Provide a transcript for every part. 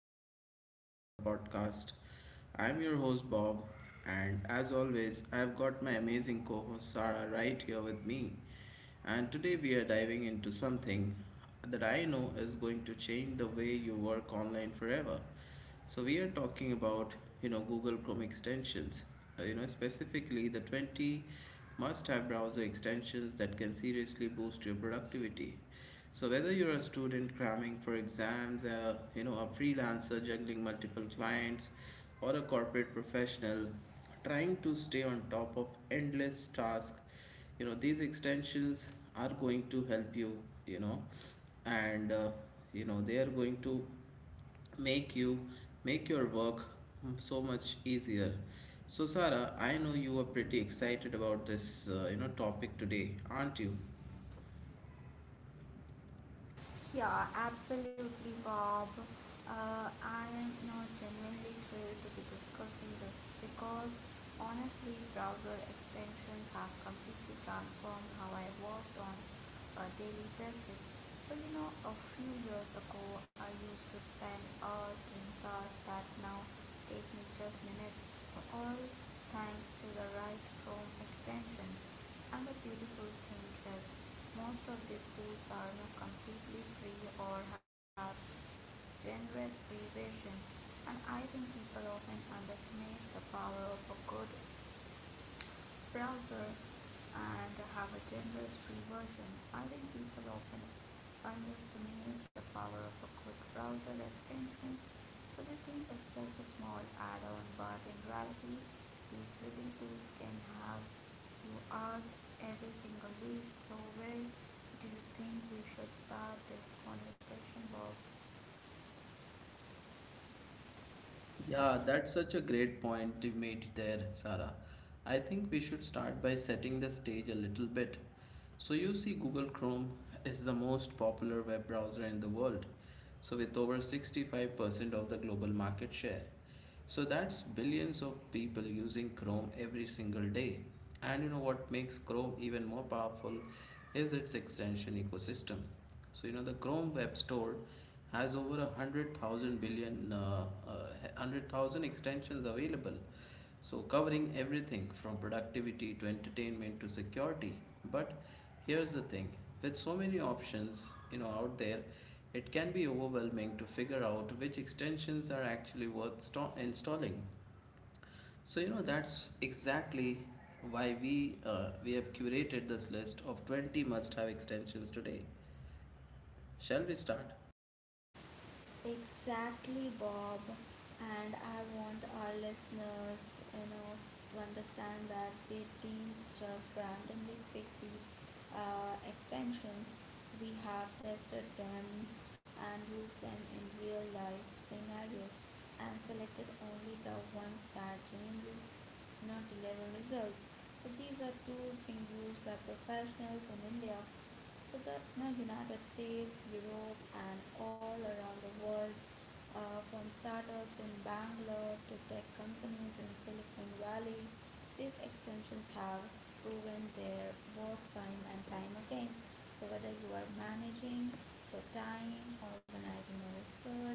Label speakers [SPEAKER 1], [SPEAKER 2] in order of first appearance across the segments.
[SPEAKER 1] exciting episode of our podcast. I'm your host Bob, and as always, I've got my amazing co host Sarah right here with me. And today we are diving into something that I know is going to change the way you work online forever. So we are talking about Google Chrome extensions, specifically the 20 must-have browser extensions that can seriously boost your productivity. So whether you're a student cramming for exams, a freelancer juggling multiple clients, or a corporate professional trying to stay on top of endless tasks, these extensions are going to help you. You know, and you know they are going to make you make your work so much easier. So Sarah, I know you are pretty excited about this topic today, aren't you?
[SPEAKER 2] Yeah, absolutely, Bob. I am not genuinely thrilled to be discussing this because honestly, browser extensions have completely transformed how I worked on a daily basis. So, you know, a few years ago, I used to spend hours doing tasks that now take me just minutes. All thanks to the right Chrome extension. And the beautiful thing is, most of these schools are now completely free or have generous free rations, and I think people often underestimate the power of a good browser and have a generous free version. I think people often underestimate the power of a quick browser extensions, so they think it's just a small add-on, but in reality, these living tools can have you hours every single week. So where do you think we should start this conversation, Bob?
[SPEAKER 1] Yeah, that's such a great point you made there, Sarah. I think we should start by setting the stage a little bit. So you see, Google Chrome is the most popular web browser in the world, so with over 65% of the global market share. So that's billions of people using Chrome every single day. And you know what makes Chrome even more powerful is its extension ecosystem. So the Chrome Web Store has over a hundred thousand billion, 100,000 extensions available, so covering everything from productivity to entertainment to security. But here's the thing, with so many options out there, it can be overwhelming to figure out which extensions are actually worth installing. So that's exactly why we have curated this list of 20 must have extensions today. Shall we start?
[SPEAKER 2] Exactly, Bob. And I want our listeners, you know, to understand that we didn't just randomly pick these extensions. We have tested them and used them in real life scenarios and selected only the ones that genuinely, you know, deliver results. So these are tools being used by professionals in India, so the, you know, United States, Europe, and all around the world, from startups in Bangalore to tech companies in Silicon Valley. These extensions have proven their worth time and time again. So whether you are managing your time, organizing your research,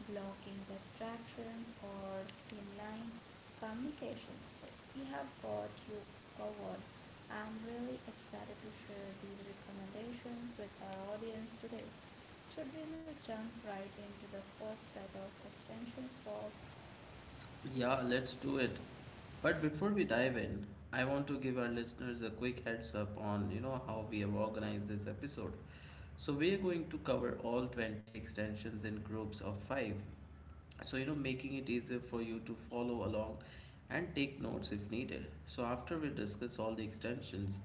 [SPEAKER 2] blocking distraction or skill line communication. So we have got you covered. I'm really excited to share these recommendations with our audience today. Should we not jump right into the first set of extensions for
[SPEAKER 1] Yeah, let's do it. But before we dive in, I want to give our listeners a quick heads up on how we have organized this episode. So we are going to cover all 20 extensions in groups of 5, so making it easier for you to follow along and take notes if needed. So after we discuss all the extensions,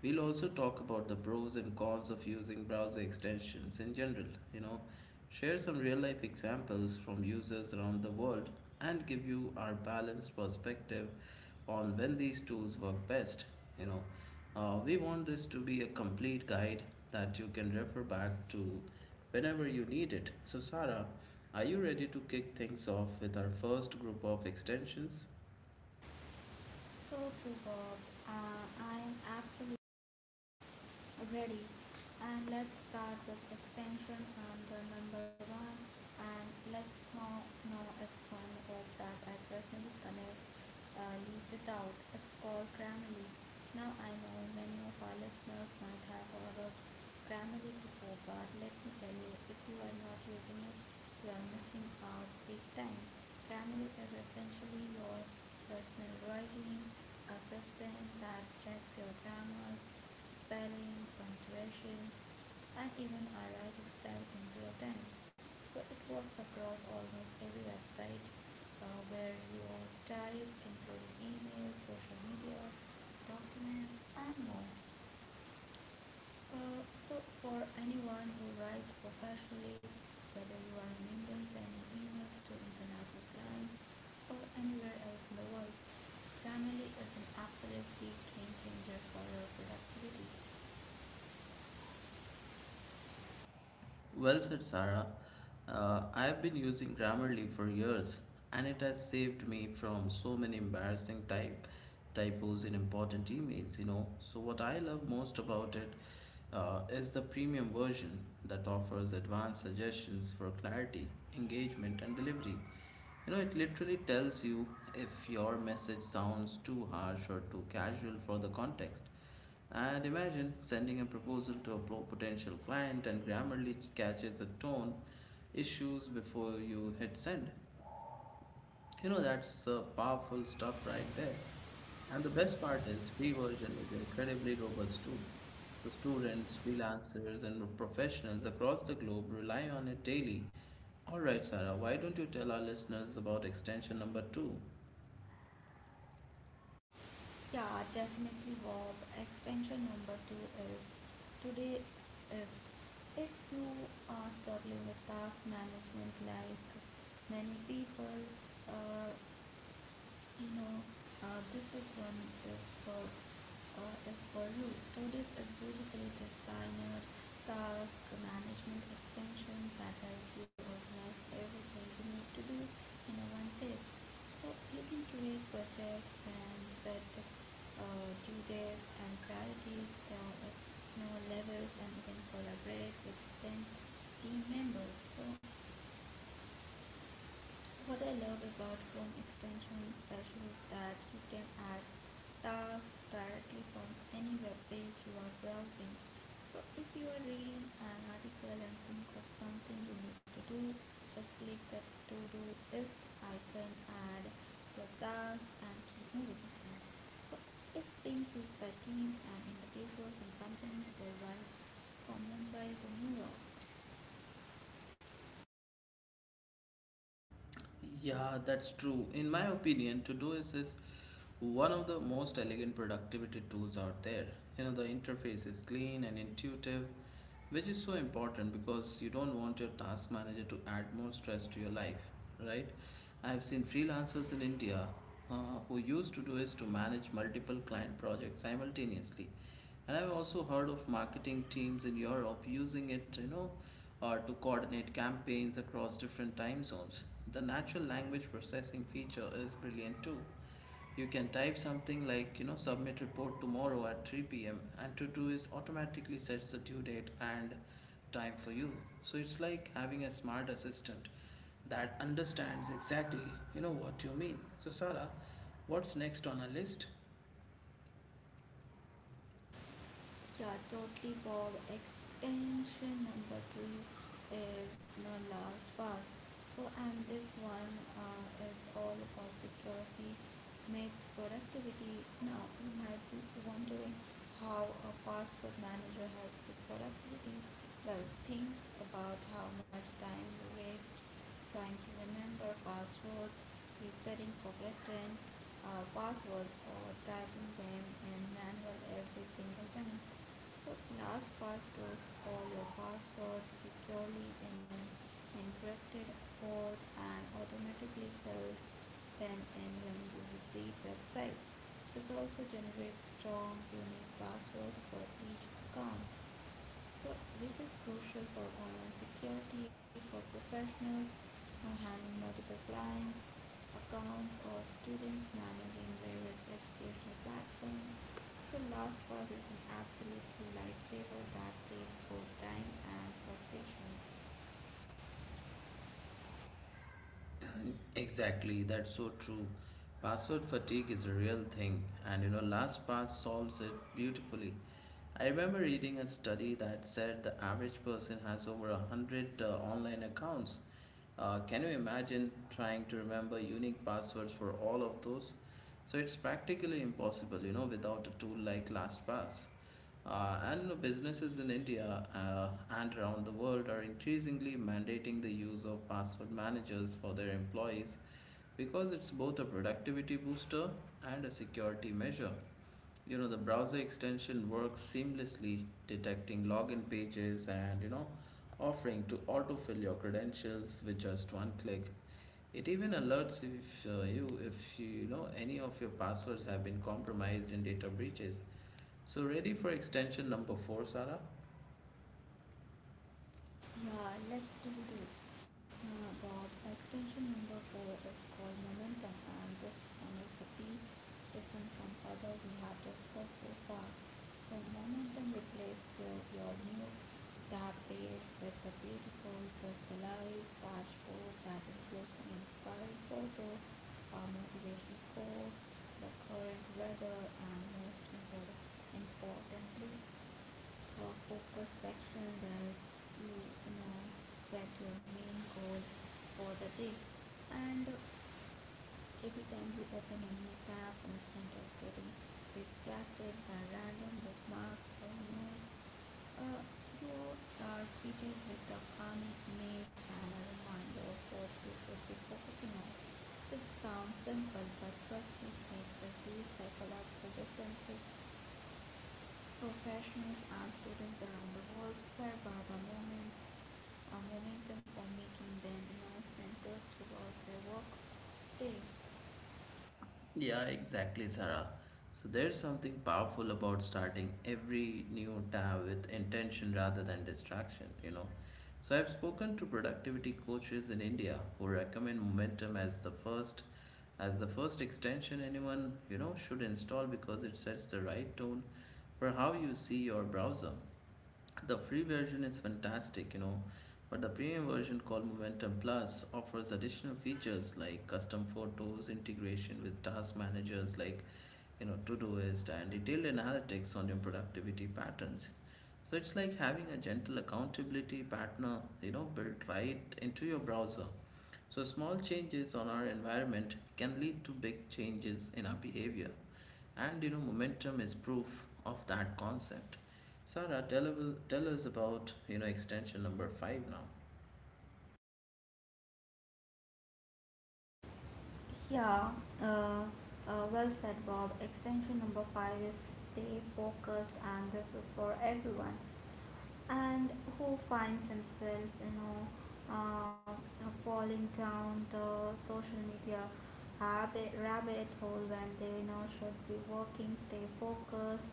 [SPEAKER 1] we'll also talk about the pros and cons of using browser extensions in general, you know, share some real life examples from users around the world, and give you our balanced perspective on when these tools work best. You know, we want this to be a complete guide that you can refer back to whenever you need it. So, Sarah, are you ready to kick things off with our first group of extensions?
[SPEAKER 2] so true, Bob. I am absolutely ready. And let's start with extension under number one. And let's now know it's one word that I connect leave without. It's called Grammarly. Now I know many of our listeners might have heard of Grammarly before, but let me tell you, if you are not using it, you are missing out big time. Grammarly is essentially your personal writing assistant that checks your grammars spelling, punctuation, and even our writing style in real time. So it works across almost every website where you all type, including emails, social media, documents, and more. So for anyone who writes professionally, whether you are in India sending emails to international clients or anywhere else in the world, Grammarly is an absolutely game changer for your productivity.
[SPEAKER 1] Well said, Sarah. I've been using Grammarly for years, and it has saved me from so many embarrassing type typos in important emails, you know. So what I love most about it is the premium version that offers advanced suggestions for clarity, engagement, and delivery. You know, it literally tells you if your message sounds too harsh or too casual for the context. And imagine sending a proposal to a potential client and Grammarly catches the tone issues before you hit send. You know, that's powerful stuff right there. And the best part is free version is incredibly robust too. So students, freelancers and professionals across the globe rely on it daily. All right, Sarah, why don't you tell our listeners about extension number 2?
[SPEAKER 2] Yeah, definitely, Bob. Extension number two is today is if you are struggling with task management like many people, uh, you know, this is one is for is for you. Todoist is beautifully designed task management extension that helps you organize everything you need to do in a one place. So you can create projects and set due dates and priorities, you know, levels, and you can collaborate with ten team members. So what I love about Chrome extension special is that you can add tasks directly from any web page you are browsing. So if you are reading an article and think of something you need to do, just click the to do list icon, add your task and keep moving. So it's being used by teams and individuals and companies worldwide from Mumbai to New York.
[SPEAKER 1] Yeah, that's true. In my opinion, Todoist is one of the most elegant productivity tools out there. You know, the interface is clean and intuitive, which is so important because you don't want your task manager to add more stress to your life, right? I have seen freelancers in India uh, who used to do is to manage multiple client projects simultaneously. And I've also heard of marketing teams in Europe using it, to coordinate campaigns across different time zones. The natural language processing feature is brilliant too. You can type something like, you know, submit report tomorrow at 3 p.m., and Todoist automatically sets the due date and time for you. So it's like having a smart assistant that understands exactly, what you mean. So, Sarah, what's next on our list?
[SPEAKER 2] Yeah, totally, Bob. Extension number three is the last pass. And this one is all about security makes productivity. Now, you might be wondering how a password manager helps with productivity. Well, think about how much time you waste trying to remember passwords, resetting forgotten passwords or typing them in manual every single time. So LastPass stores all your passwords securely in an encrypted vault and automatically fills them in when you visit websites. This also generates strong, unique passwords for each account. So which is crucial for online security for professionals who handle multiple clients, accounts or students managing various educational platforms. So LastPass is an absolute lifesaver that saves both time and frustration.
[SPEAKER 1] Exactly, that's so true. Password fatigue is a real thing, and you know, LastPass solves it beautifully. I remember reading a study that said the average person has over a hundred online accounts. Can you imagine trying to remember unique passwords for all of those? So it's practically impossible, you know, without a tool like LastPass. And businesses in India and around the world are increasingly mandating the use of password managers for their employees because it's both a productivity booster and a security measure. You know, the browser extension works seamlessly, detecting login pages and, you know, offering to autofill your credentials with just one click. It even alerts if you know any of your passwords have been compromised in data breaches. So ready for extension number 4, Sarah?
[SPEAKER 2] Yeah, let's do that. Bob, extension number four is called momentum, and this one is a bit different from other we have discussed so far. So, momentum replaces your mood, that page with a beautiful crystallized dashboard that includes an inspiring photo, a motivational quote, the current weather, and most important, importantly, for focus section where you know, set your main goal for the day. And every time you open a new tab instead of getting distracted by random bookmarks or news, uh, you are greeted with a calming image and a reminder of what you should be focusing on. It sounds simple, but trust me, it makes a huge psychological difference. Professionals and students around the world swear by the moment, a momentum for making them announced and talked about their work day.
[SPEAKER 1] Yeah, exactly, Sarah. So there's something powerful about starting every new tab with intention rather than distraction, you know. So I've spoken to productivity coaches in India who recommend momentum as the first extension anyone, you know, should install because it sets the right tone for how you see your browser. The free version is fantastic, you know, but the premium version called Momentum Plus offers additional features like custom photos, integration with task managers like, Todoist, and detailed analytics on your productivity patterns. So it's like having a gentle accountability partner, you know, built right into your browser. So small changes on our environment can lead to big changes in our behavior. And you know, momentum is proof of that concept. Sarah, tell us about extension number five now.
[SPEAKER 2] Yeah, uh, well said, Bob. Extension number five is stay focused, and this is for everyone. And who finds himself, you know, uh, falling down the social media rabbit hole when they, you know, should be working. Stay focused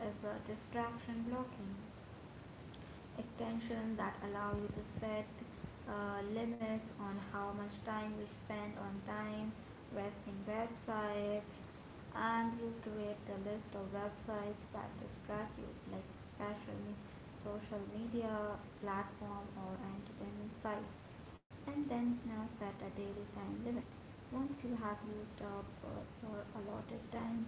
[SPEAKER 2] is a distraction blocking extensions that allow you to set limits on how much time you spend on time wasting websites, and you create a list of websites that distract you, like especially social media platform or entertainment sites, and then you set a daily time limit. Once you have used up your allotted time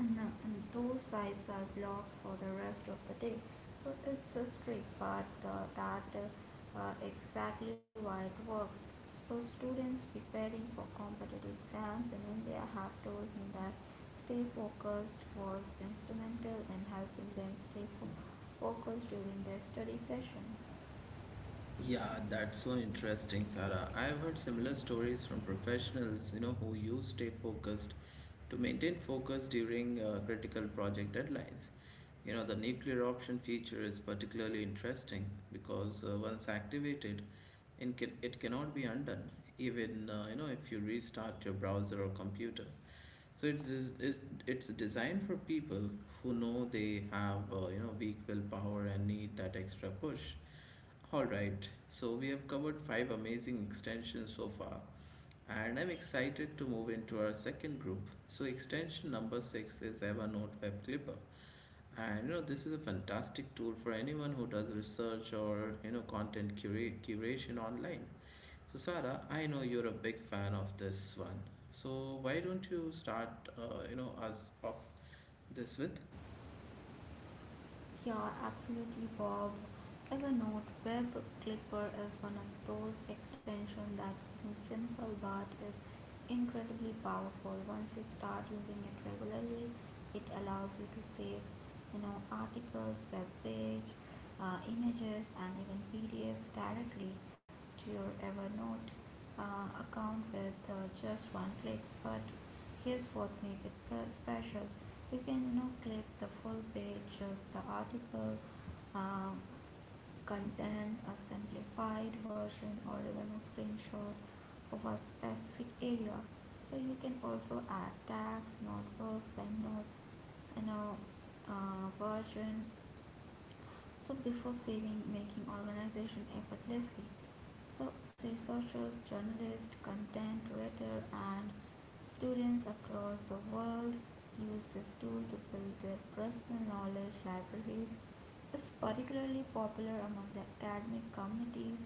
[SPEAKER 2] and those sides are blocked for the rest of the day. So it's a trick, but that exactly why it works. So students preparing for competitive exams in India have told me that stay focused was instrumental in helping them stay focused during their study session.
[SPEAKER 1] Yeah, that's so interesting, Sarah. I've heard similar stories from professionals, you know, who use Stay Focused to maintain focus during critical project deadlines. You know, the nuclear option feature is particularly interesting because once activated, it cannot be undone, even if you restart your browser or computer. So it's designed for people who know they have weak willpower and need that extra push. All right, so we have covered five amazing extensions so far, and I'm excited to move into our second group. So extension number six is Evernote Web Clipper, and you know this is a fantastic tool for anyone who does research or content curation online. So, Sarah, I know you're a big fan of this one. So, why don't you us off this with?
[SPEAKER 2] Yeah, absolutely, Bob. Evernote Web Clipper is one of those extensions that seems simple but is incredibly powerful. Once you start using it regularly, it allows you to save, you know, articles, web page, images, and even PDFs directly to your Evernote account with just one click. But here's what makes it special: you can, you know, click the full page, just the article, um, content, a simplified version, or even a screenshot of a specific area. So you can also add tags, notebooks, and notes, you know, version, so before saving, making organization effortlessly. So researchers, journalists, content writer, and students across the world use this tool to build their personal knowledge libraries. It's particularly popular among the academic communities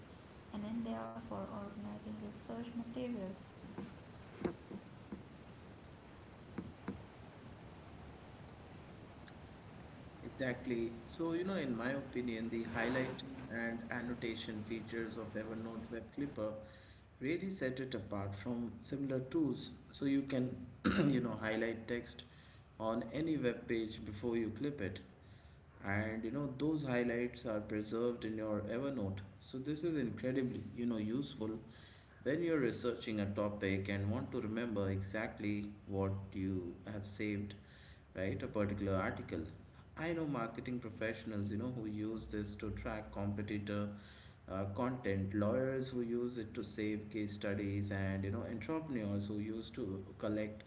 [SPEAKER 2] in India for organizing research materials.
[SPEAKER 1] Exactly. So, you know, in my opinion, the highlighting and annotation features of Evernote Web Clipper really set it apart from similar tools. So, you can, you know, highlight text on any web page before you clip it. And you know those highlights are preserved in your Evernote. So this is incredibly useful when you're researching a topic and want to remember exactly what you have saved, right, a particular article. I know marketing professionals, you know, who use this to track competitor content, lawyers who use it to save case studies, and, you know, entrepreneurs who use to collect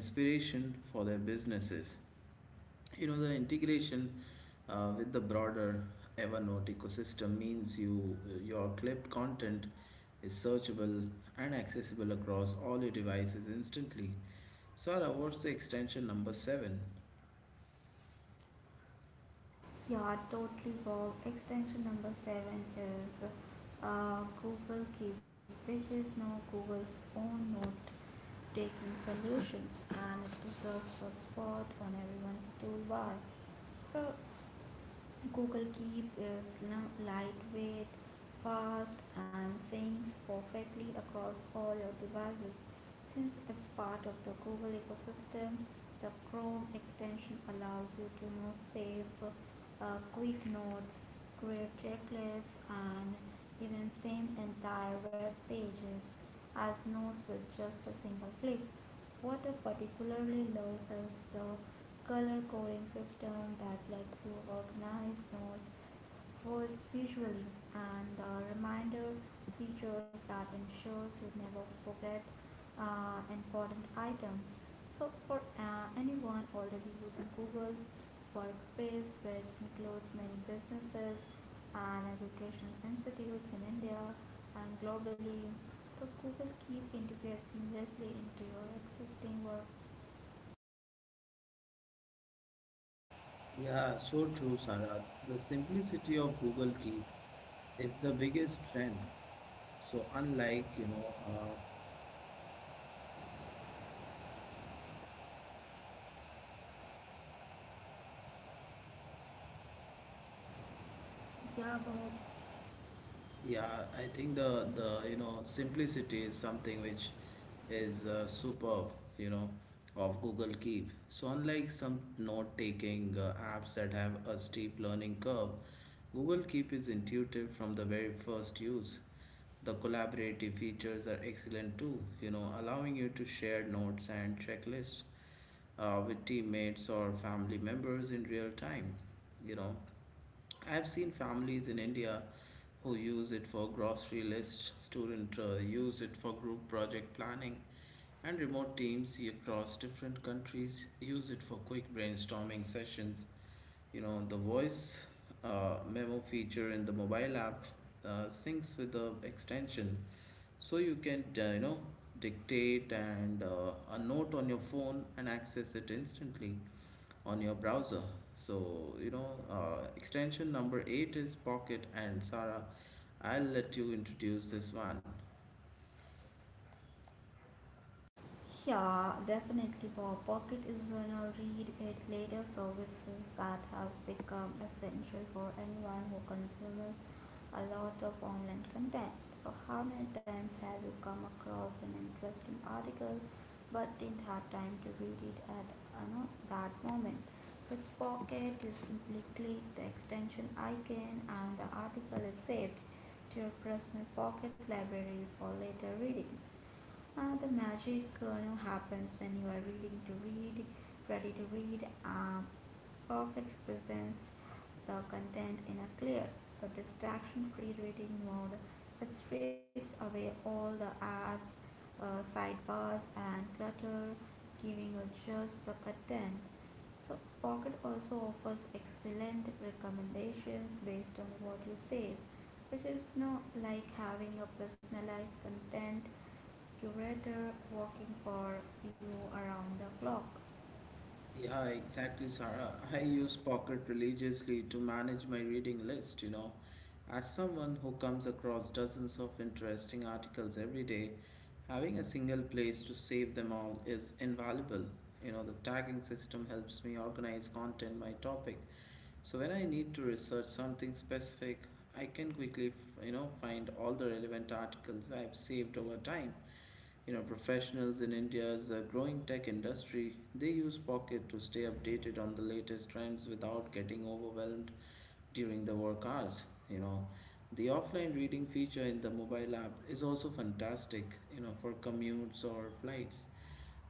[SPEAKER 1] inspiration for their businesses. You know, the integration with the broader Evernote ecosystem means your clipped content is searchable and accessible across all your devices instantly. Sara, what's the extension number 7?
[SPEAKER 2] Yeah, totally, Bob. Extension number seven is Google Keep, which is now Google's own note taking solutions and it deserves a spot on everyone's toolbar. So, Google Keep is now lightweight, fast, and syncs perfectly across all your devices. Since it's part of the Google ecosystem, the Chrome extension allows you to now save quick notes, create checklists, and even send entire web pages as notes with just a single click. What I particularly love is the color coding system that lets you organize notes visually, and the reminder features that ensures you never forget important items. So for anyone already using Google workspace, which includes many businesses and educational institutes in India and globally. So Google Keep interfaces seamlessly into your existing work.
[SPEAKER 1] Yeah, so true, Sarah. The simplicity of Google Keep is the biggest strength. So uh,
[SPEAKER 2] Yeah, Bob.
[SPEAKER 1] yeah, I think the simplicity is something which is superb, you know, of Google Keep. So unlike some note-taking apps that have a steep learning curve, Google Keep is intuitive from the very first use. The collaborative features are excellent too, you know, allowing you to share notes and checklists with teammates or family members in real time, you know. I've seen families in India who use it for grocery lists, students use it for group project planning, and remote teams across different countries use it for quick brainstorming sessions. You know, the voice memo feature in the mobile app syncs with the extension, so you can, dictate and a note on your phone and access it instantly on your browser. So, extension number eight is Pocket, and Sarah, I'll let you introduce this one.
[SPEAKER 2] Yeah, definitely, Bob. Pocket is gonna read it later services that has become essential for anyone who consumes a lot of online content. So, how many times have you come across an interesting article but didn't have time to read it at, you know, that moment? With Pocket, you simply click the extension icon and the article is saved to your personal pocket library for later reading. The magic you know happens when you are reading to read ready to read. Pocket represents the content in a clear, so distraction free reading mode. It strips away all the apps, sidebars and clutter, giving you just the content. So Pocket also offers excellent recommendations based on what you save, which is, you know, like having a personalized content curator rather working for you around the clock.
[SPEAKER 1] Yeah, exactly, Sarah. I use Pocket religiously to manage my reading list, you know. As someone who comes across dozens of interesting articles every day, having a single place to save them all is invaluable. You know, the tagging system helps me organize content by topic. So when I need to research something specific, I can quickly, you know, find all the relevant articles I've saved over time. Professionals in India's growing tech industry, they use Pocket to stay updated on the latest trends without getting overwhelmed during the work hours. The offline reading feature in the mobile app is also fantastic, for commutes or flights.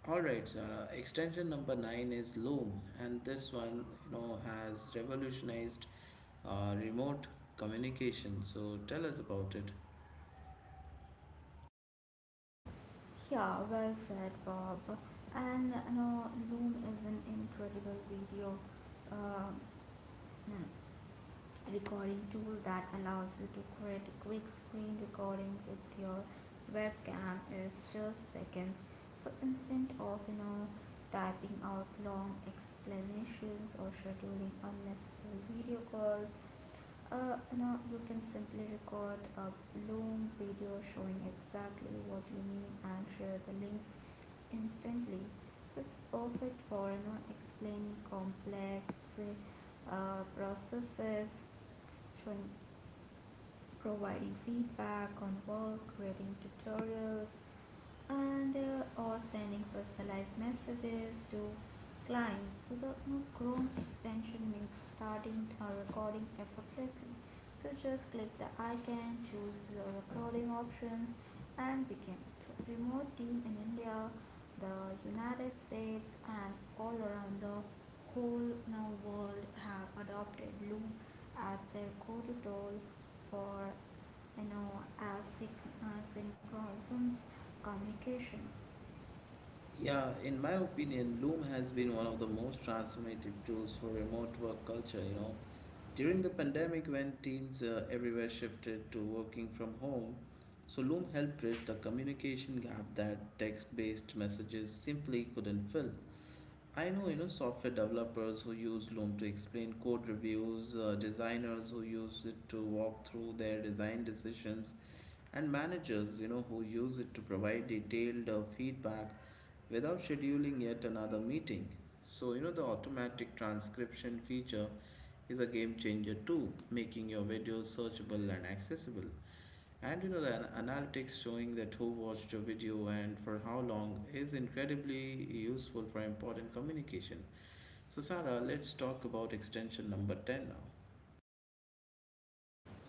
[SPEAKER 1] Alright, Zara. Extension number nine is Loom, and this one has revolutionized remote communication. So tell us about it.
[SPEAKER 2] Yeah, well said, Bob. And you know, Loom is an incredible video uh, recording tool that allows you to create a quick screen recording with your webcam is just seconds. So instead of, you know, typing out long explanations or scheduling unnecessary video calls, you know, you can simply record a Loom video showing exactly what you mean and share the link instantly. So it's perfect for, you know, explaining complex processes, showing, providing feedback on work, creating tutorials, and or sending personalized messages to clients. So the, you know, Chrome extension makes starting a recording effortlessly. So just click the icon, choose your recording options and begin. So remote team in India, the United States and all around the whole now world have adopted Loom as their go-to tool for, you know, as synchronisms communications.
[SPEAKER 1] Yeah, in my opinion, Loom has been one of the most transformative tools for remote work culture. During the pandemic, when teams everywhere shifted to working from home, so Loom helped bridge the communication gap that text-based messages simply couldn't fill. I know, software developers who use Loom to explain code reviews, designers who use it to walk through their design decisions, and managers, who use it to provide detailed feedback without scheduling yet another meeting. So, the automatic transcription feature is a game changer too, making your videos searchable and accessible. And the analytics showing that who watched your video and for how long is incredibly useful for important communication. So, Sarah, let's talk about extension number 10 now.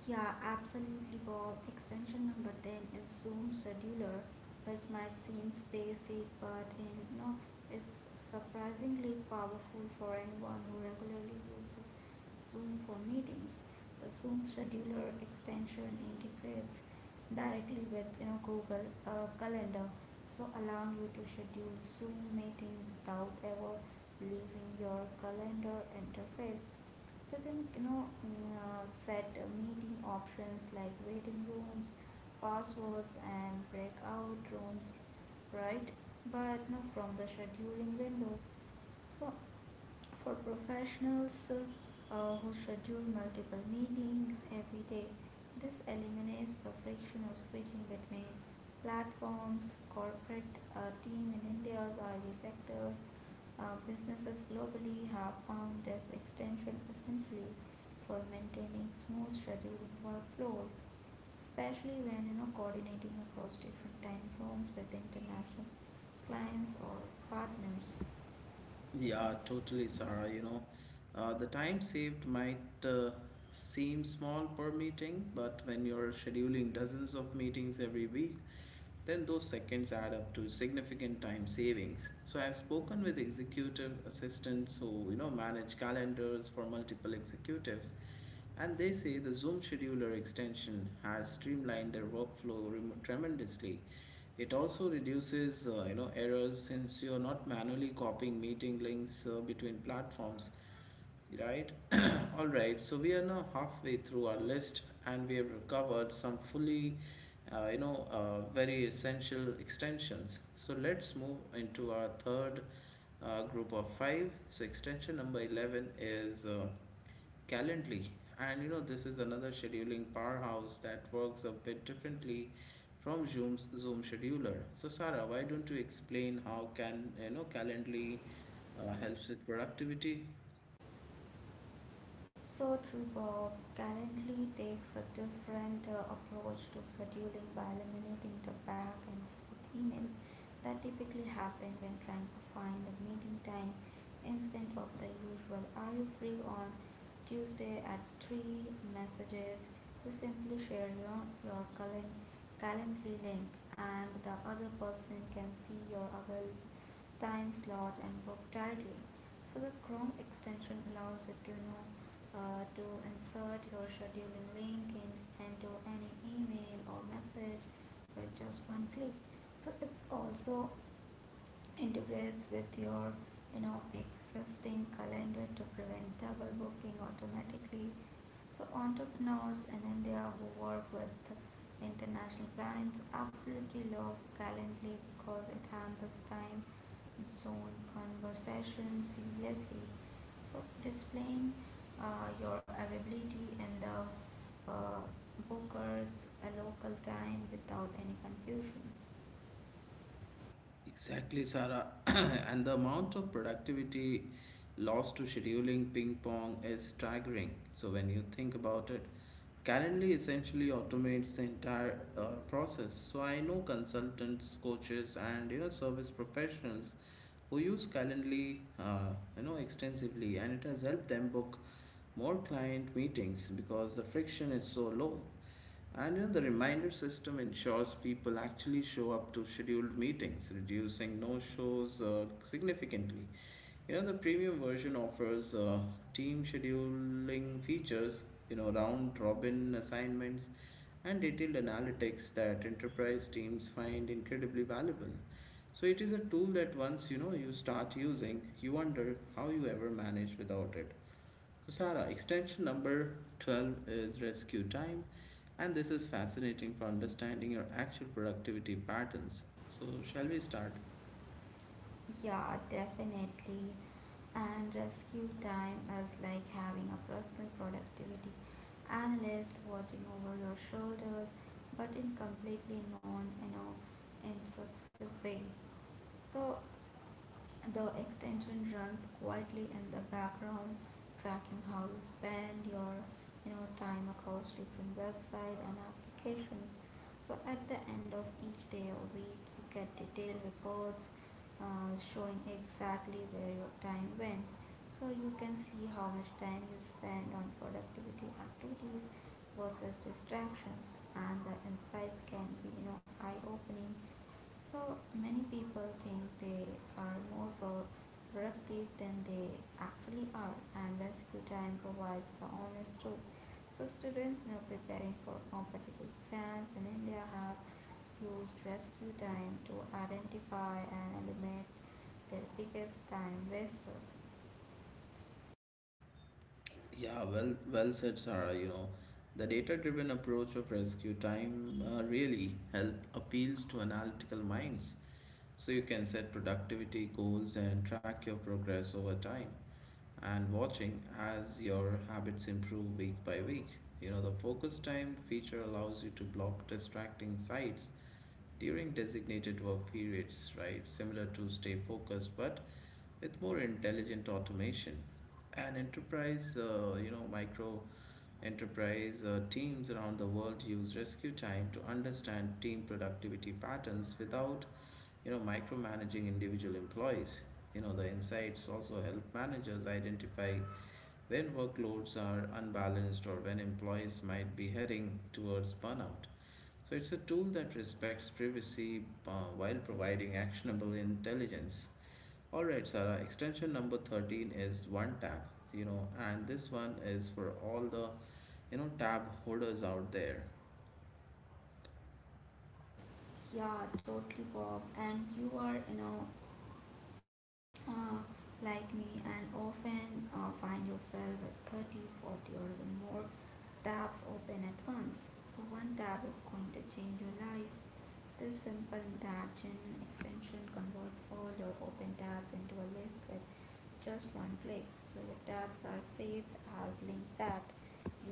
[SPEAKER 2] Yeah, absolutely, Bob. Extension number 10 is Zoom Scheduler, which might seem basic, but is surprisingly powerful for anyone who regularly uses Zoom for meetings. The Zoom Scheduler extension integrates directly with Google Calendar, so allowing you to schedule Zoom meeting without ever leaving your calendar interface. So then, you know, mm, set meeting options like waiting rooms, passwords, and breakout rooms, right? But no, from the scheduling window. So for professionals who schedule multiple meetings every day. This eliminates the friction of switching between platforms. Corporate team in India's oil sector, businesses globally have found this extension essentially for maintaining smooth scheduling workflows, especially when you know coordinating across different time zones with international clients or partners.
[SPEAKER 1] Yeah, totally, Sarah. The time saved might uh, seem small per meeting, but when you're scheduling dozens of meetings every week, then those seconds add up to significant time savings. So, I've spoken with executive assistants who manage calendars for multiple executives, and they say the Zoom scheduler extension has streamlined their workflow remo tremendously. It also reduces errors since you're not manually copying meeting links between platforms, right? All right, so we are now halfway through our list and we have covered some fully very essential extensions. So let's move into our third group of five. So extension number 11 is Calendly. And this is another scheduling powerhouse that works a bit differently from Zoom scheduler. So Sarah, why don't you explain how can Calendly helps with productivity?
[SPEAKER 2] So true, Bob. Currently takes a different approach to scheduling by eliminating the back and forth emails that typically happen when trying to find a meeting time instead of the usual "Are you free on Tuesday at 3?" messages. You simply share your calen- calendar link, and the other person can see your available time slot and book directly. So the Chrome extension allows you to know to insert your scheduling link in into any email or message with just one click. So it's also integrates with your you know existing calendar to prevent double booking automatically. So entrepreneurs in india who work with international clients absolutely love calendly because it handles time zone conversations seamlessly, so displaying your availability in the uh, bookers a local time without any confusion.
[SPEAKER 1] Exactly, Sarah. And the amount of productivity lost to scheduling ping pong is staggering. So, when you think about it, Calendly essentially automates the entire process. So, I know consultants, coaches, and service professionals who use Calendly extensively, and it has helped them book more client meetings because the friction is so low. And the reminder system ensures people actually show up to scheduled meetings, reducing no-shows significantly. The premium version offers team scheduling features, round-robin assignments, and detailed analytics that enterprise teams find incredibly valuable. So it is a tool that once you start using, you wonder how you ever managed without it. So, extension number 12 is rescue time, and this is fascinating for understanding your actual productivity patterns. So, shall we start?
[SPEAKER 2] Yeah, definitely. And rescue time is like having a personal productivity analyst watching over your shoulders, but in completely non, you know, instructive way. So the extension runs quietly in the background, tracking how you spend your you know time across different websites and applications. So at the end of each day or week, you get detailed reports showing exactly where your time went. So you can see how much time you spend on productivity activities versus distractions, and the insights can be you know eye-opening. So many people think they are more productive than they actually are, and rescue time provides the honest truth. So students now preparing for competitive exams in India have used rescue time to identify and eliminate their biggest time waster.
[SPEAKER 1] Yeah, well said, Sarah. The data-driven approach of rescue time really help appeals to analytical minds. So you can set productivity goals and track your progress over time, and watching as your habits improve week by week. The focus time feature allows you to block distracting sites during designated work periods, right? Similar to Stay Focused, but with more intelligent automation. And enterprise, you know, micro enterprise teams around the world use rescue time to understand team productivity patterns without, micromanaging individual employees. The insights also help managers identify when workloads are unbalanced or when employees might be heading towards burnout. So it's a tool that respects privacy while providing actionable intelligence. All right, Sarah, extension number 13 is one tab, and this one is for all the tab holders out there.
[SPEAKER 2] Yeah, totally, Bob. And you are, you know, uh, like me, and often find yourself at 30, 40, or even more tabs open at once. So one tab is going to change your life. This simple Darjan extension converts all your open tabs into a list with just one click. So your tabs are saved as link that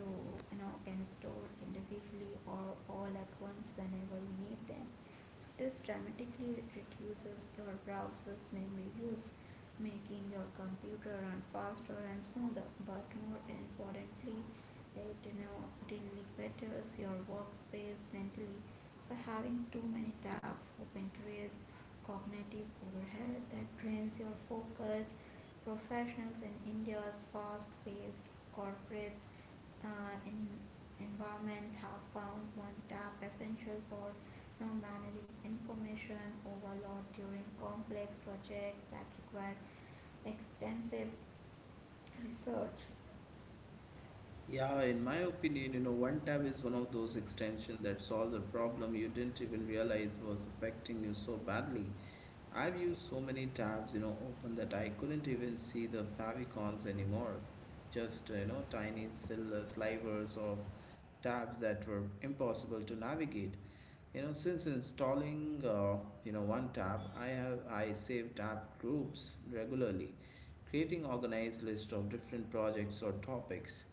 [SPEAKER 2] you know can store individually or all at once whenever you need them. So this dramatically reduces your browser's memory use, making your computer run faster and smoother, but more importantly you deliberates your workspace mentally. So having too many tabs open creates cognitive overhead that drains your focus. Professionals in India's fast-paced corporate in environment have found one tab essential for you know, managing information overload during complex projects that require extensive research.
[SPEAKER 1] Yeah, in my opinion, one tab is one of those extensions that solves a problem you didn't even realize was affecting you so badly. I've used so many tabs, open that I couldn't even see the favicons anymore. Just, tiny slivers of tabs that were impossible to navigate. Since installing one tab, I save tab groups regularly, creating organized list of different projects or topics.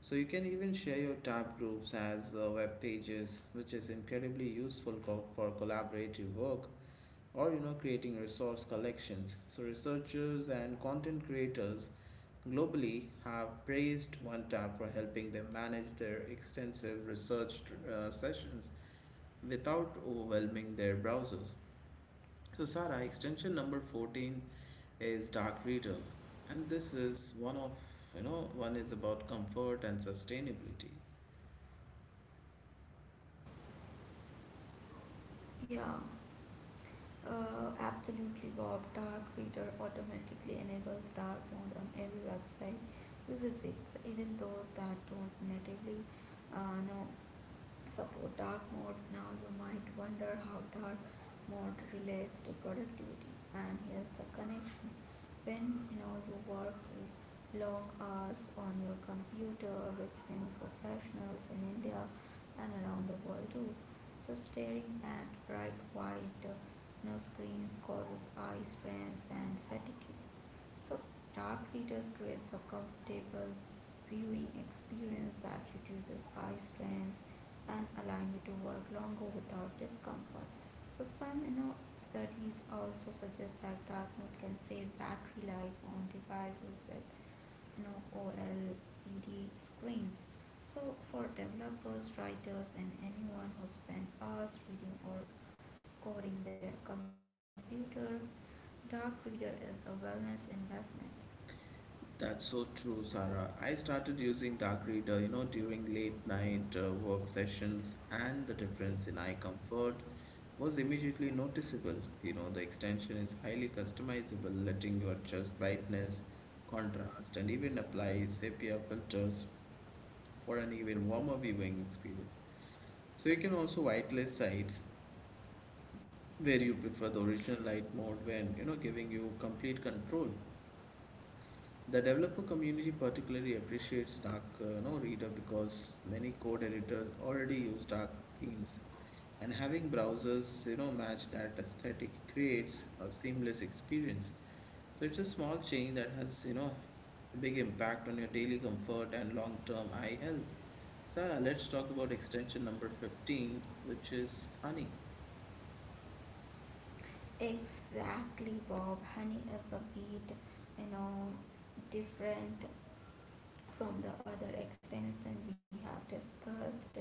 [SPEAKER 1] So you can even share your tab groups as web pages, which is incredibly useful for collaborative work or creating resource collections. So researchers and content creators globally have praised OneTab for helping them manage their extensive research sessions without overwhelming their browsers. So, Sarah, extension number 14 is Dark Reader, and this is one of you know, one is about comfort and sustainability.
[SPEAKER 2] Yeah. Absolutely, Bob. Dark Reader automatically enables dark mode on every website we visit. So even those that don't natively know support dark mode. Now you might wonder how dark mode relates to productivity. And here's the connection. When you know you work long hours on your computer, which many professionals in India and around the world do, so staring at bright white you know, screens causes eye strain and fatigue. So dark readers creates a comfortable viewing experience that reduces eye strain and allowing you to work longer without discomfort. So some you know studies also suggest that dark mode can save battery life on devices with you know OLED screens. So for developers, writers and anyone who spends hours reading or coding their computer, dark reader is a wellness investment.
[SPEAKER 1] That's so true, Sarah. I started using Dark Reader, during late night work sessions, and the difference in eye comfort was immediately noticeable. The extension is highly customizable, letting you adjust brightness, contrast, and even apply sepia filters for an even warmer viewing experience. So you can also whitelist sites where you prefer the original light mode when giving you complete control. The developer community particularly appreciates Dark Reader because many code editors already use dark themes and having browsers match that aesthetic creates a seamless experience. So it's a small change that has, a big impact on your daily comfort and long-term eye health. Sarah, let's talk about extension number 15, which is honey.
[SPEAKER 2] Exactly, Bob. Honey is a bit, you know, different from the other extension we have discussed.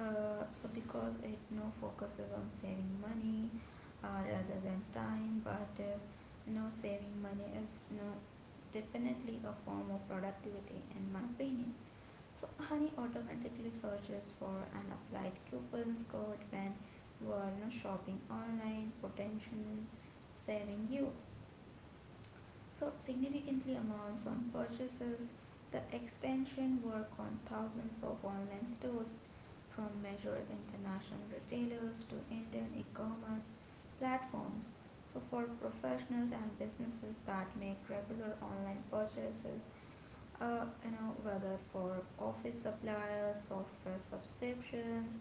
[SPEAKER 2] So because it now focuses on saving money rather than time, but no saving money is no definitely a form of productivity in my opinion. So honey automatically searches for an applied coupons code when you are you know, shopping online, potential saving you so significantly amounts on purchases, the extension work on thousands of online stores from major international retailers to Indian e-commerce platforms. So for professionals and businesses that make regular online purchases, you know whether for office supplies, software subscriptions,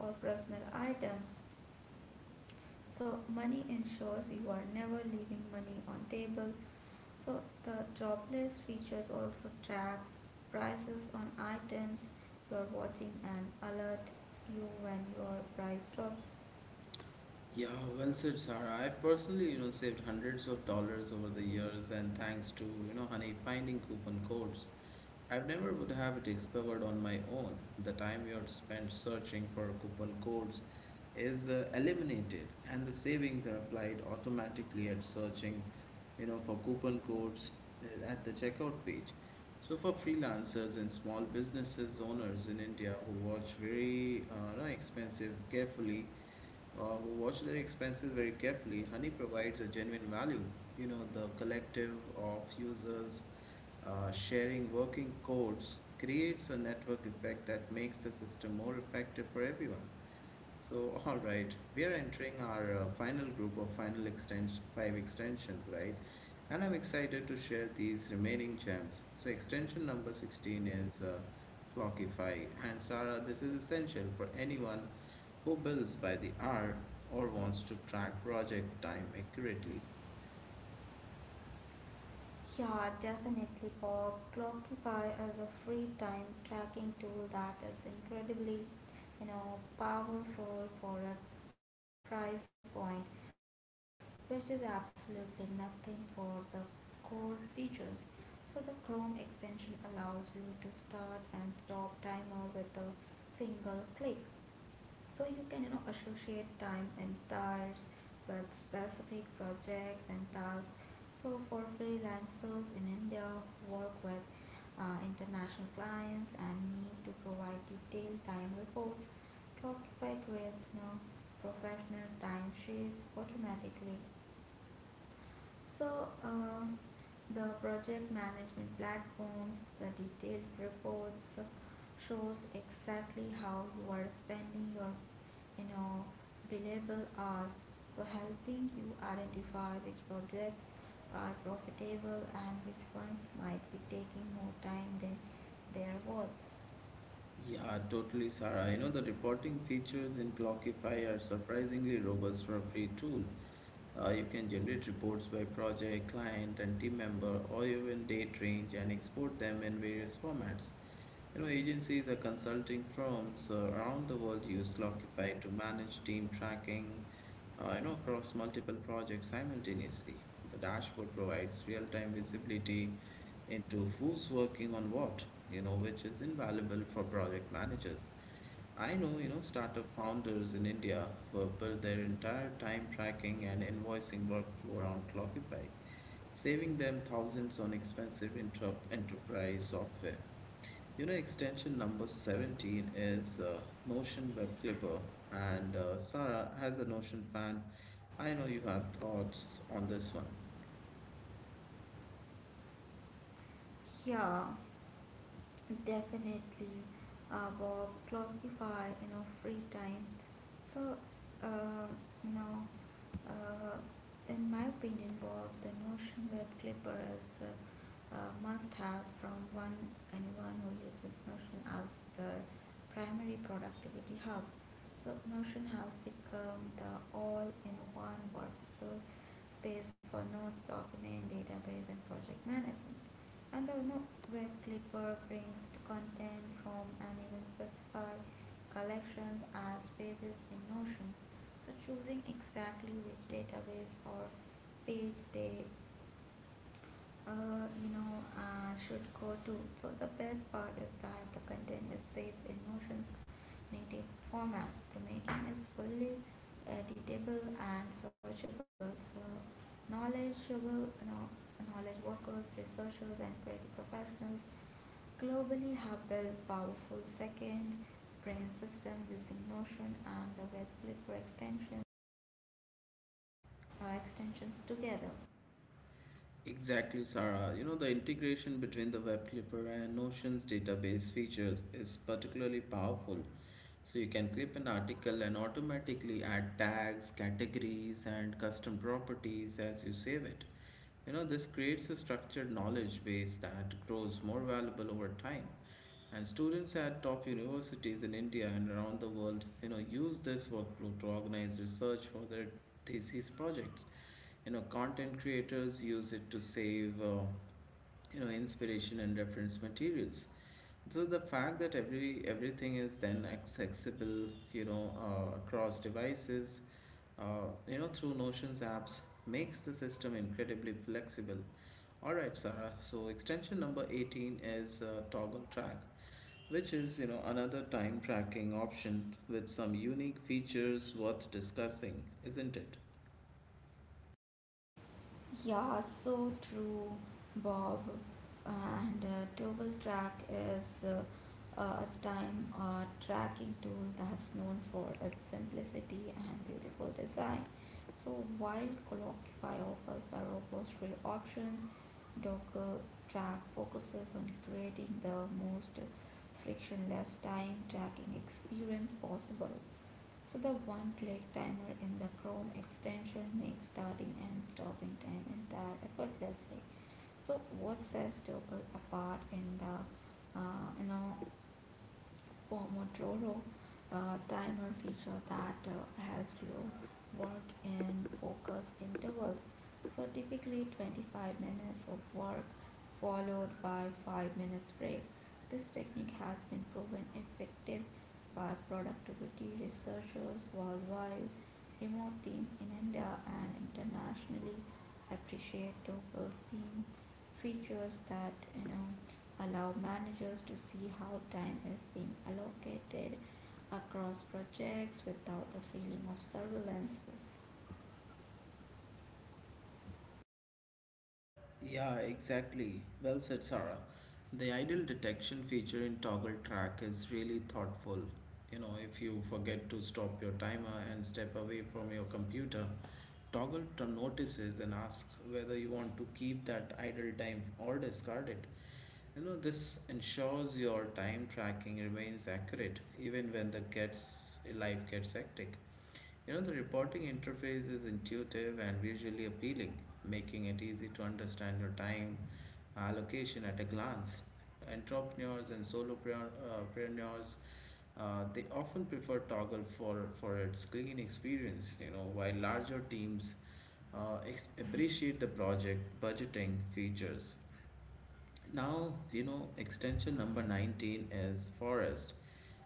[SPEAKER 2] or personal items. So money ensures you are never leaving money on table. So the job list features also tracks prices on items you're watching and alert you when your price drops.
[SPEAKER 1] Yeah, well said, Sarah. I've personally, saved hundreds of dollars over the years and thanks to, honey finding coupon codes. I never would have discovered on my own. The time you had spent searching for coupon codes is eliminated, and the savings are applied automatically at searching, for coupon codes at the checkout page. So for freelancers and small businesses owners in India who watch very no, expensive carefully, who watch their expenses very carefully, Honey provides a genuine value. The collective of users sharing working codes creates a network effect that makes the system more effective for everyone. So, all right, we are entering our final group of final extension five extensions, right? And I'm excited to share these remaining gems. So, extension number 16 is Clockify. And Sarah, this is essential for anyone who bills by the hour or wants to track project time accurately.
[SPEAKER 2] Yeah, definitely, Bob. Clockify is a free time tracking tool that is incredibly, you know, powerful for its price point, which is absolutely nothing for the core features. So the Chrome extension allows you to start and stop timer with a single click, so you can you know associate time and tasks with specific projects and tasks. So for freelancers in india who work with international clients and need to provide detailed time reports, Clockify creates you know, professional timesheets automatically. So, the project management platforms, the detailed reports shows exactly how you are spending your, you know, billable hours. So, helping you identify which projects are profitable and which ones might be taking more time than they are worth.
[SPEAKER 1] Yeah, totally, Sarah. The reporting features in Clockify are surprisingly robust for a free tool. You can generate reports by project, client, and team member, or even date range and export them in various formats. Agencies or consulting firms around the world use Clockify to manage team tracking, across multiple projects simultaneously. The dashboard provides real-time visibility into who's working on what, which is invaluable for project managers. I know startup founders in India who have built their entire time tracking and invoicing workflow around Clockify, saving them thousands on expensive enterprise software. Extension number 17 is Notion Web Clipper, and Sarah, as a Notion fan, I know you have thoughts on this one.
[SPEAKER 2] Yeah. Definitely, Bob, clockify, you know, free time. So, uh, you know, uh, in my opinion, Bob, the Notion Web Clipper is a must-have from one anyone who uses Notion as the primary productivity hub. So, Notion has become the all-in-one workspace for notes, document, database, and project management, and the web clipper prints content from an even specified collections as pages in Notion. So choosing exactly which database or page they should go to. So the best part is that the content is saved in Notion's native format. The making is fully editable and searchable. So knowledgeable, you know, knowledge workers, researchers, and creative professionals globally have built powerful second brain system using Notion and the web flipper extensions together.
[SPEAKER 1] Exactly, Sarah. The integration between the web clipper and Notion's database features is particularly powerful. So you can clip an article and automatically add tags, categories, and custom properties as you save it. This creates a structured knowledge base that grows more valuable over time. And students at top universities in India and around the world, use this workflow to organize research for their thesis projects. Content creators use it to save inspiration and reference materials. So the fact that everything is then accessible, across devices, through notions apps, makes the system incredibly flexible. All right, Sarah, so extension number 18 is toggle track, which is another time tracking option with some unique features worth discussing, isn't it?
[SPEAKER 2] Yeah, so true, Bob. And Double Track is a time tracking tool that's known for its simplicity and beautiful design. So while Clockify offers a robust free options, Docker Track focuses on creating the most frictionless time tracking experience possible. So the one click timer in the Chrome extension makes starting and stopping time entire effortlessly. So what sets Tuple apart in the you know Pomodoro timer feature that helps you work in focus intervals. So typically 25 minutes of work followed by 5 minutes break. This technique has been proven effective by productivity researchers worldwide. Remote team in India and internationally appreciate Togel's team features that you know allow managers to see how time is being allocated across projects without the feeling of surveillance.
[SPEAKER 1] Yeah, exactly. Well said, Sarah. The idle detection feature in toggle track is really thoughtful. If you forget to stop your timer and step away from your computer, toggle to notices and asks whether you want to keep that idle time or discard it. This ensures your time tracking remains accurate even when the gets life gets hectic. The reporting interface is intuitive and visually appealing, making it easy to understand your time allocation at a glance. Entrepreneurs and solopreneurs, they often prefer Toggle for its clean experience, while larger teams appreciate the project budgeting features. Now, extension number 19 is Forest.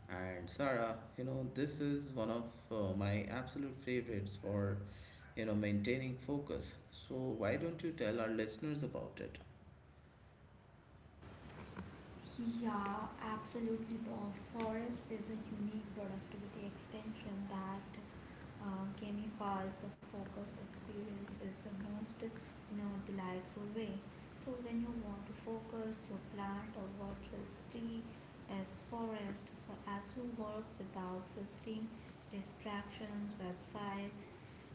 [SPEAKER 1] And Sarah, this is one of my absolute favorites for maintaining focus. So why don't you tell our listeners about it?
[SPEAKER 2] Yeah, absolutely, Bob. Forest is a unique productivity extension that gamifies the focus experience is the most you know, delightful way. So when you want to focus, you plant a virtual tree as forest. So as you work without visiting distractions, websites,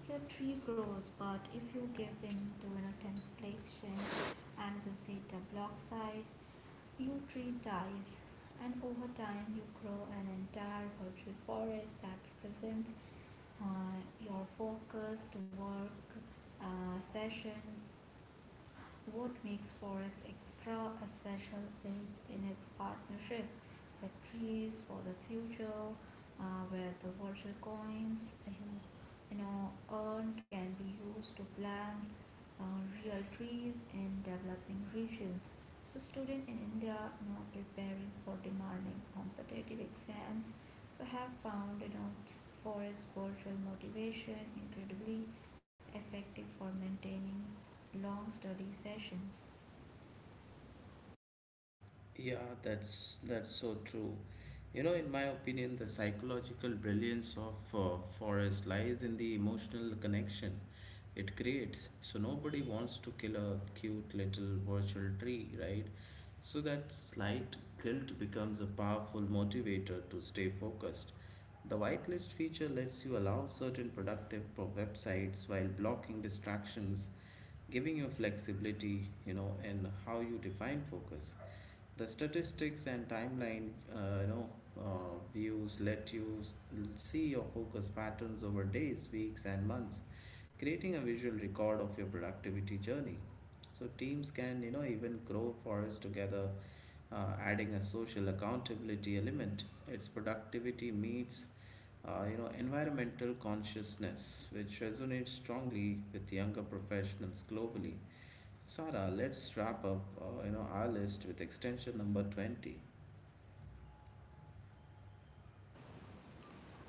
[SPEAKER 2] your tree grows. But if you give in to you know, temptation and visit a blog site, your tree dies, and over time you grow an entire virtual forest that represents uh, your focused work session. What makes forests extra special is in its partnership with trees for the future, where the virtual coins you, know earn can be used to plant real trees in developing regions. So students in India you know preparing for demanding competitive exams so have found you know forest virtual motivation incredibly effective for maintaining long study sessions.
[SPEAKER 1] Yeah, that's so true. In my opinion, the psychological brilliance of Forest lies in the emotional connection it creates. So nobody wants to kill a cute little virtual tree, right? So that slight guilt becomes a powerful motivator to stay focused. The whitelist feature lets you allow certain websites while blocking distractions, giving you flexibility, in how you define focus. The statistics and timeline views let you see your focus patterns over days, weeks, and months, creating a visual record of your productivity journey. So teams can, even grow forests together, adding a social accountability element. Its productivity meets environmental consciousness, which resonates strongly with younger professionals globally. Sarah, let's wrap up, our list with extension number 20.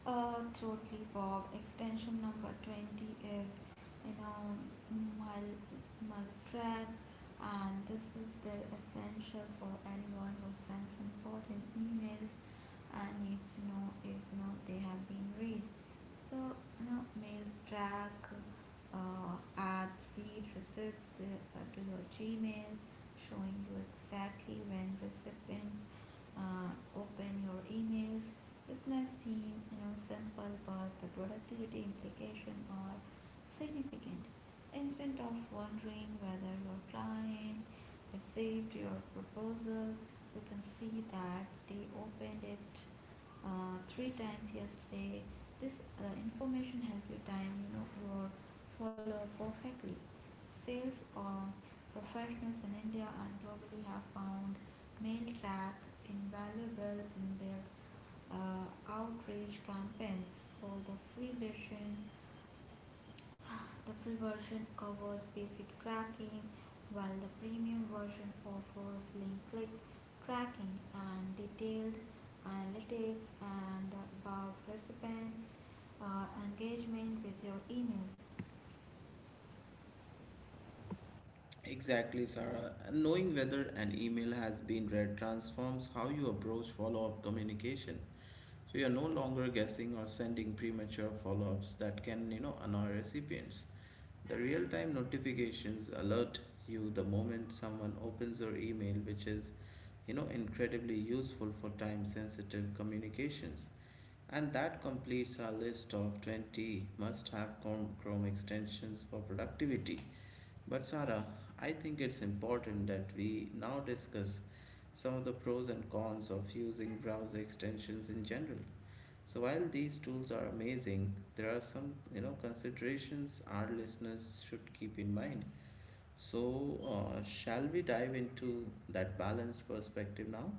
[SPEAKER 2] Totally, Bob. Extension number 20 is you know mal- maltreat, and this is the essential for anyone who sends important emails and needs to know if you know, they have been read. So, you know, mails track add read receipts to your Gmail showing you exactly when recipients open your emails. This might seem you know simple, but the productivity implication are significant. Instead of wondering whether your client received your proposal, you can see that they opened it three times yesterday. This information helps you time you know your follow perfectly. Sales professionals in India and globally have found mail track invaluable in their outreach campaigns. For the free version The free version covers basic tracking, while the premium version offers link click tracking and detailed analytics and about recipient engagement with your emails.
[SPEAKER 1] Exactly, Sarah. And knowing whether an email has been read transforms how you approach follow-up communication. So you're no longer guessing or sending premature follow-ups that can, annoy recipients. The real-time notifications alert you the moment someone opens your email, which is, incredibly useful for time-sensitive communications. And that completes our list of 20 must have Chrome extensions for productivity. But Sarah, I think it's important that we now discuss some of the pros and cons of using browser extensions in general. So while these tools are amazing, there are some considerations our listeners should keep in mind. So shall we dive into that balanced perspective now?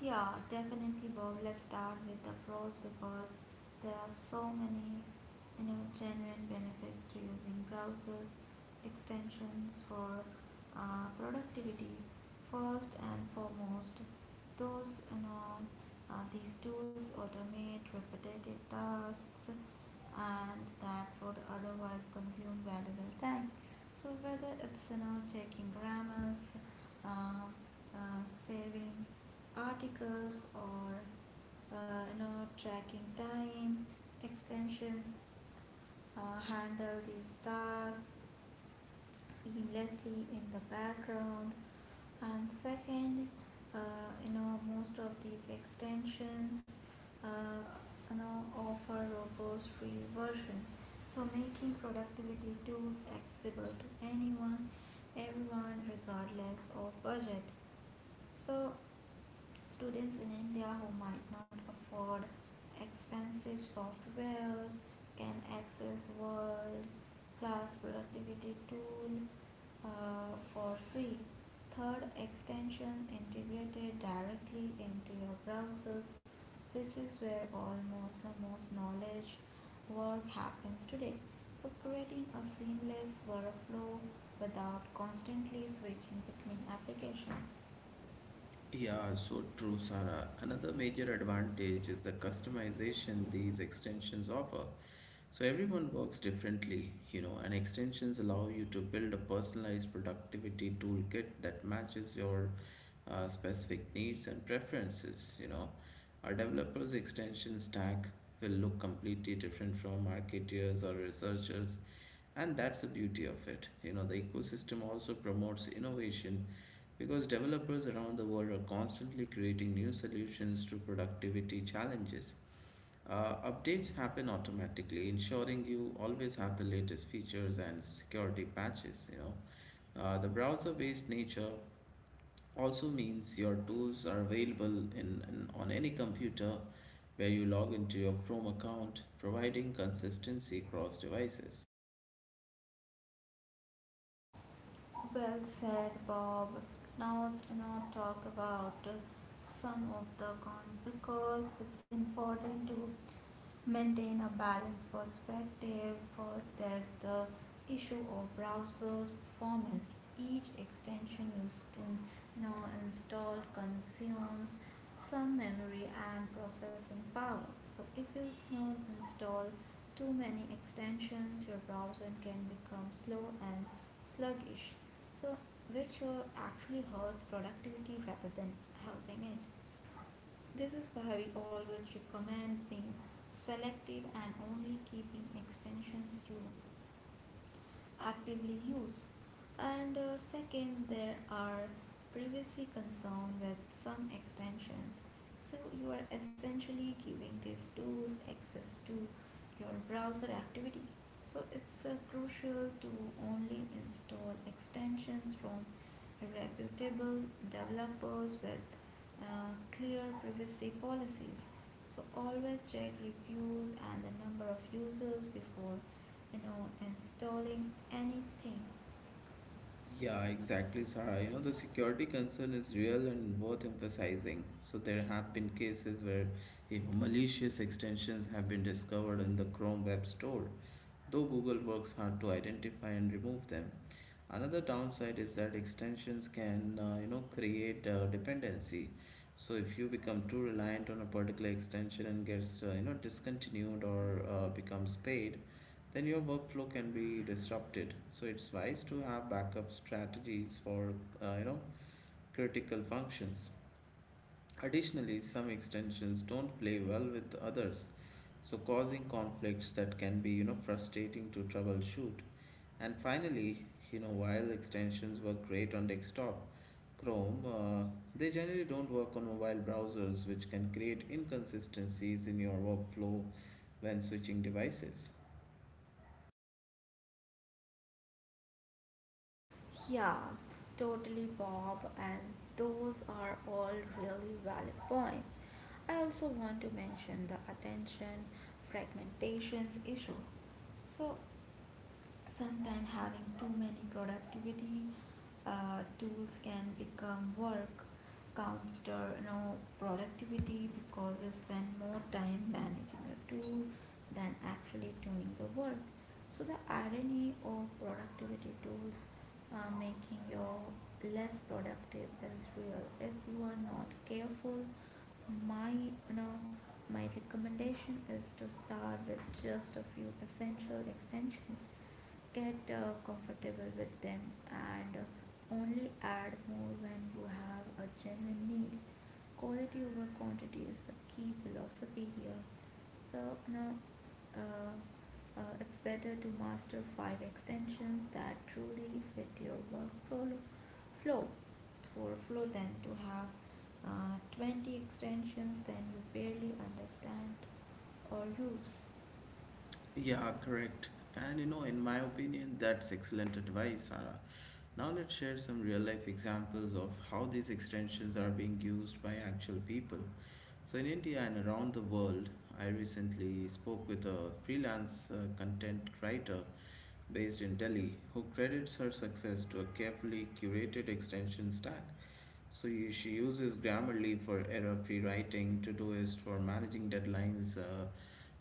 [SPEAKER 2] Yeah, definitely, Bob. Let's start with the pros because there are so many, you know, genuine benefits to using browsers extensions for productivity. First and foremost, those you know, these tools automate repetitive tasks, and that would otherwise consume valuable time. So whether it's checking grammars, uh, saving articles or tracking time extensions handle these tasks seamlessly in the background. And second, most of these extensions uh, offer robust free versions, so making productivity tools accessible to anyone, everyone regardless of budget. So students in India who might not afford expensive softwares can access world class productivity tool for free. Third, extension integrated directly into your browsers, which is where almost the most knowledge work happens today, so creating a seamless workflow without constantly switching between applications.
[SPEAKER 1] Yeah, so true, Sarah. Another major advantage is the customization these extensions offer. So everyone works differently, and extensions allow you to build a personalized productivity toolkit that matches your specific needs and preferences. Our developers' extension stack will look completely different from marketeers or researchers, and that's the beauty of it. The ecosystem also promotes innovation because developers around the world are constantly creating new solutions to productivity challenges. Updates happen automatically, ensuring you always have the latest features and security patches. The browser-based nature also means your tools are available in on any computer where you log into your Chrome account, providing consistency across devices.
[SPEAKER 2] Well said, Bob. Now let's not talk about some of the cons, because it's important to maintain a balanced perspective. First, there's the issue of browser's performance. Each extension you now install consumes some memory and processing power. So if you install too many extensions, your browser can become slow and sluggish. So which actually hurts productivity rather than helping it. This is why we always recommend being selective and only keeping extensions you actively use. And second, there are privacy concerns with some extensions. So you are essentially giving these tools access to your browser activity. So it's crucial to only install extensions from reputable developers with clear privacy policies. So always check reviews and the number of users before installing anything.
[SPEAKER 1] Yeah, exactly, Sarah. The security concern is real and worth emphasizing. So there have been cases where if malicious extensions have been discovered in the Chrome Web Store, though Google works hard to identify and remove them. Another downside is that extensions can, create dependency. So if you become too reliant on a particular extension and gets, discontinued or becomes paid, then your workflow can be disrupted. So it's wise to have backup strategies for, uh, you know, critical functions. Additionally, some extensions don't play well with others, so causing conflicts that can be, frustrating to troubleshoot. And finally, while extensions work great on desktop Chrome, they generally don't work on mobile browsers, which can create inconsistencies in your workflow when switching devices.
[SPEAKER 2] Yeah, totally, Bob, and those are all really valid points. I also want to mention the attention fragmentations issue. So sometimes having too many productivity tools can become work counter productivity, because you spend more time managing a tool than actually doing the work. So the irony of productivity tools making you less productive is real if you are not careful. My you know my recommendation is to start with just a few essential extensions, get comfortable with them, and only add more when you have a genuine need. Quality over quantity is the key philosophy here. So now, uh, it's better to master five extensions that truly fit your workflow flow flow than to have 20 extensions then you barely understand or use.
[SPEAKER 1] Yeah, correct. And in my opinion, that's excellent advice, Sarah. Now let's share some real life examples of how these extensions are being used by actual people. So, in India and around the world, I recently spoke with a freelance content writer based in Delhi, who credits her success to a carefully curated extension stack. So she uses Grammarly for error-free writing, Todoist for managing deadlines,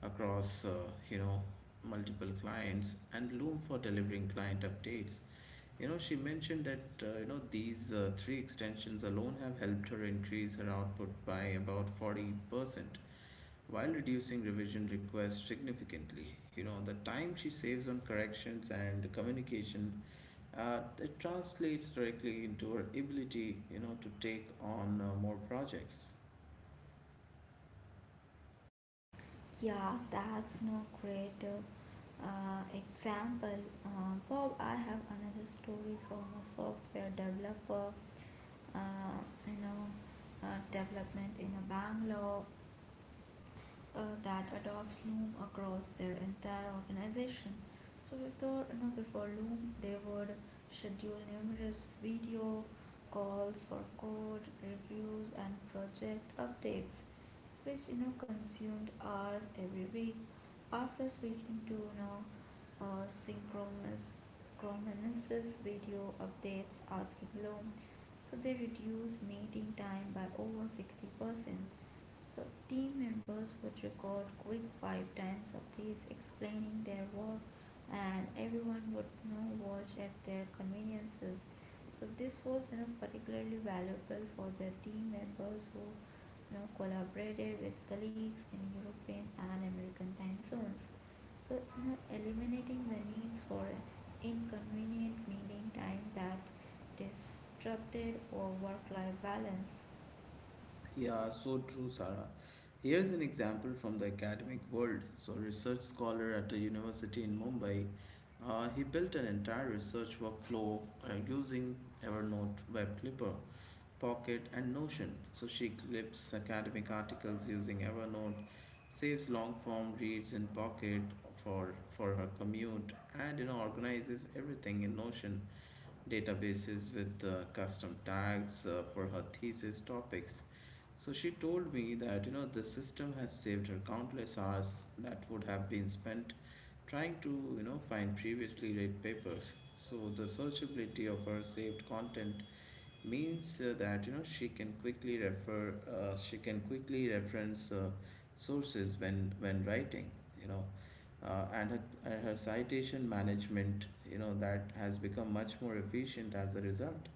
[SPEAKER 1] across you know multiple clients, and Loom for delivering client updates. She mentioned that these three extensions alone have helped her increase her output by about 40%, while reducing revision requests significantly. The time she saves on corrections and communication, it translates directly into her ability, to take on more projects.
[SPEAKER 2] Yeah, that's no great example. Bob, I have another story from a software developer, uh, you know, development in a Bangalore that adopts Loom across their entire organization. So before, before Loom, they would schedule numerous video calls for code reviews and project updates, which consumed hours every week. After switching to synchronous chronomenesis video updates asking loan, so they reduced meeting time by over 60 percent. So team members would record quick five times updates explaining their work, and everyone would watch at their conveniences. So this was particularly valuable for the team members who collaborated with colleagues in European and American time zones. So, eliminating the needs for an inconvenient meeting time that disrupted or work life balance.
[SPEAKER 1] Yeah, so true, Sarah. Here's an example from the academic world. So, a research scholar at a university in Mumbai, he built an entire research workflow using Evernote Web Clipper, Pocket, and Notion. So she clips academic articles using Evernote, saves long form reads in Pocket for her commute, and organizes everything in Notion databases with custom tags for her thesis topics. So she told me that the system has saved her countless hours that would have been spent trying to find previously read papers. So the searchability of her saved content means that she can quickly reference sources when writing, you know uh, and her, and her citation management, that has become much more efficient as a result.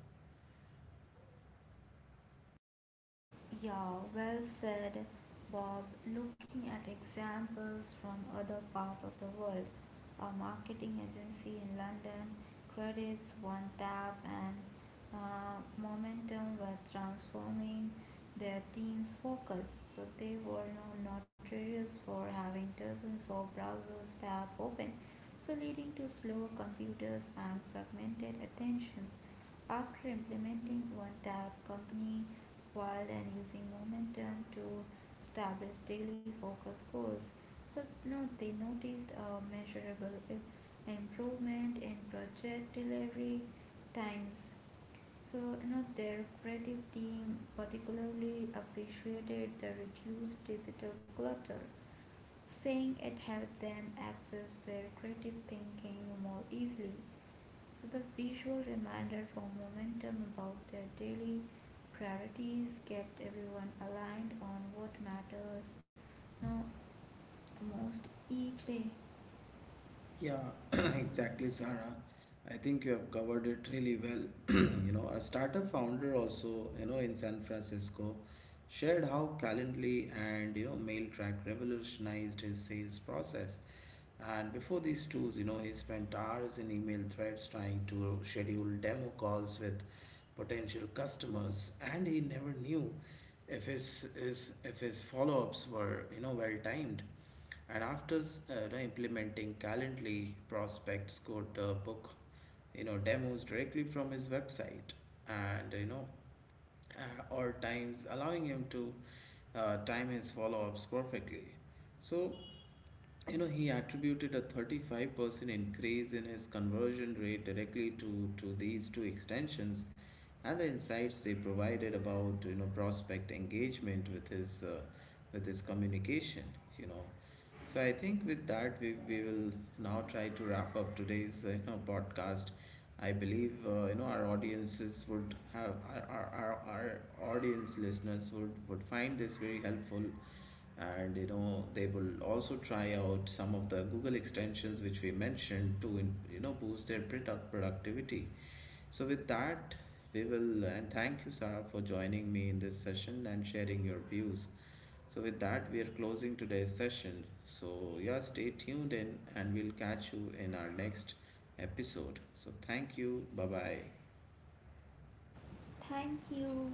[SPEAKER 2] Yeah, well said, Bob. Looking at examples from other parts of the world, a marketing agency in London credits One Tap and Momentum with transforming their team's focus. So they were now notorious for having dozens of browsers tab open, so leading to slow computers and fragmented attentions. After implementing one tab company wide and using momentum to establish daily focus goals, so now they noticed a measurable improvement in project delivery times. So you know their creative team particularly appreciated the reduced digital clutter, saying it helped them access their creative thinking more easily. So the visual reminder for momentum about their daily priorities kept everyone aligned on what matters no, most each day.
[SPEAKER 1] Yeah, exactly, Sarah. I think you have covered it really well. A startup founder also, in San Francisco shared how Calendly and, MailTrack revolutionized his sales process. And Before these tools, he spent hours in email threads trying to schedule demo calls with potential customers, and he never knew if his follow-ups were well timed. And after implementing Calendly, prospects could book demos directly from his website, and or times allowing him to time his follow-ups perfectly. So he attributed a 35% increase in his conversion rate directly to these two extensions and the insights they provided about, prospect engagement with his communication, you know. So I think with that, we will now try to wrap up today's, podcast. I believe, our audiences would have, our audience listeners would find this very helpful, and they will also try out some of the Google extensions which we boost their productivity. So with that, we will and thank you, Sarah, for joining me in this session and sharing your views. So with that, we are closing today's session. So yeah, stay tuned in and we'll catch you in our next episode. So thank you, bye bye.
[SPEAKER 2] Thank you.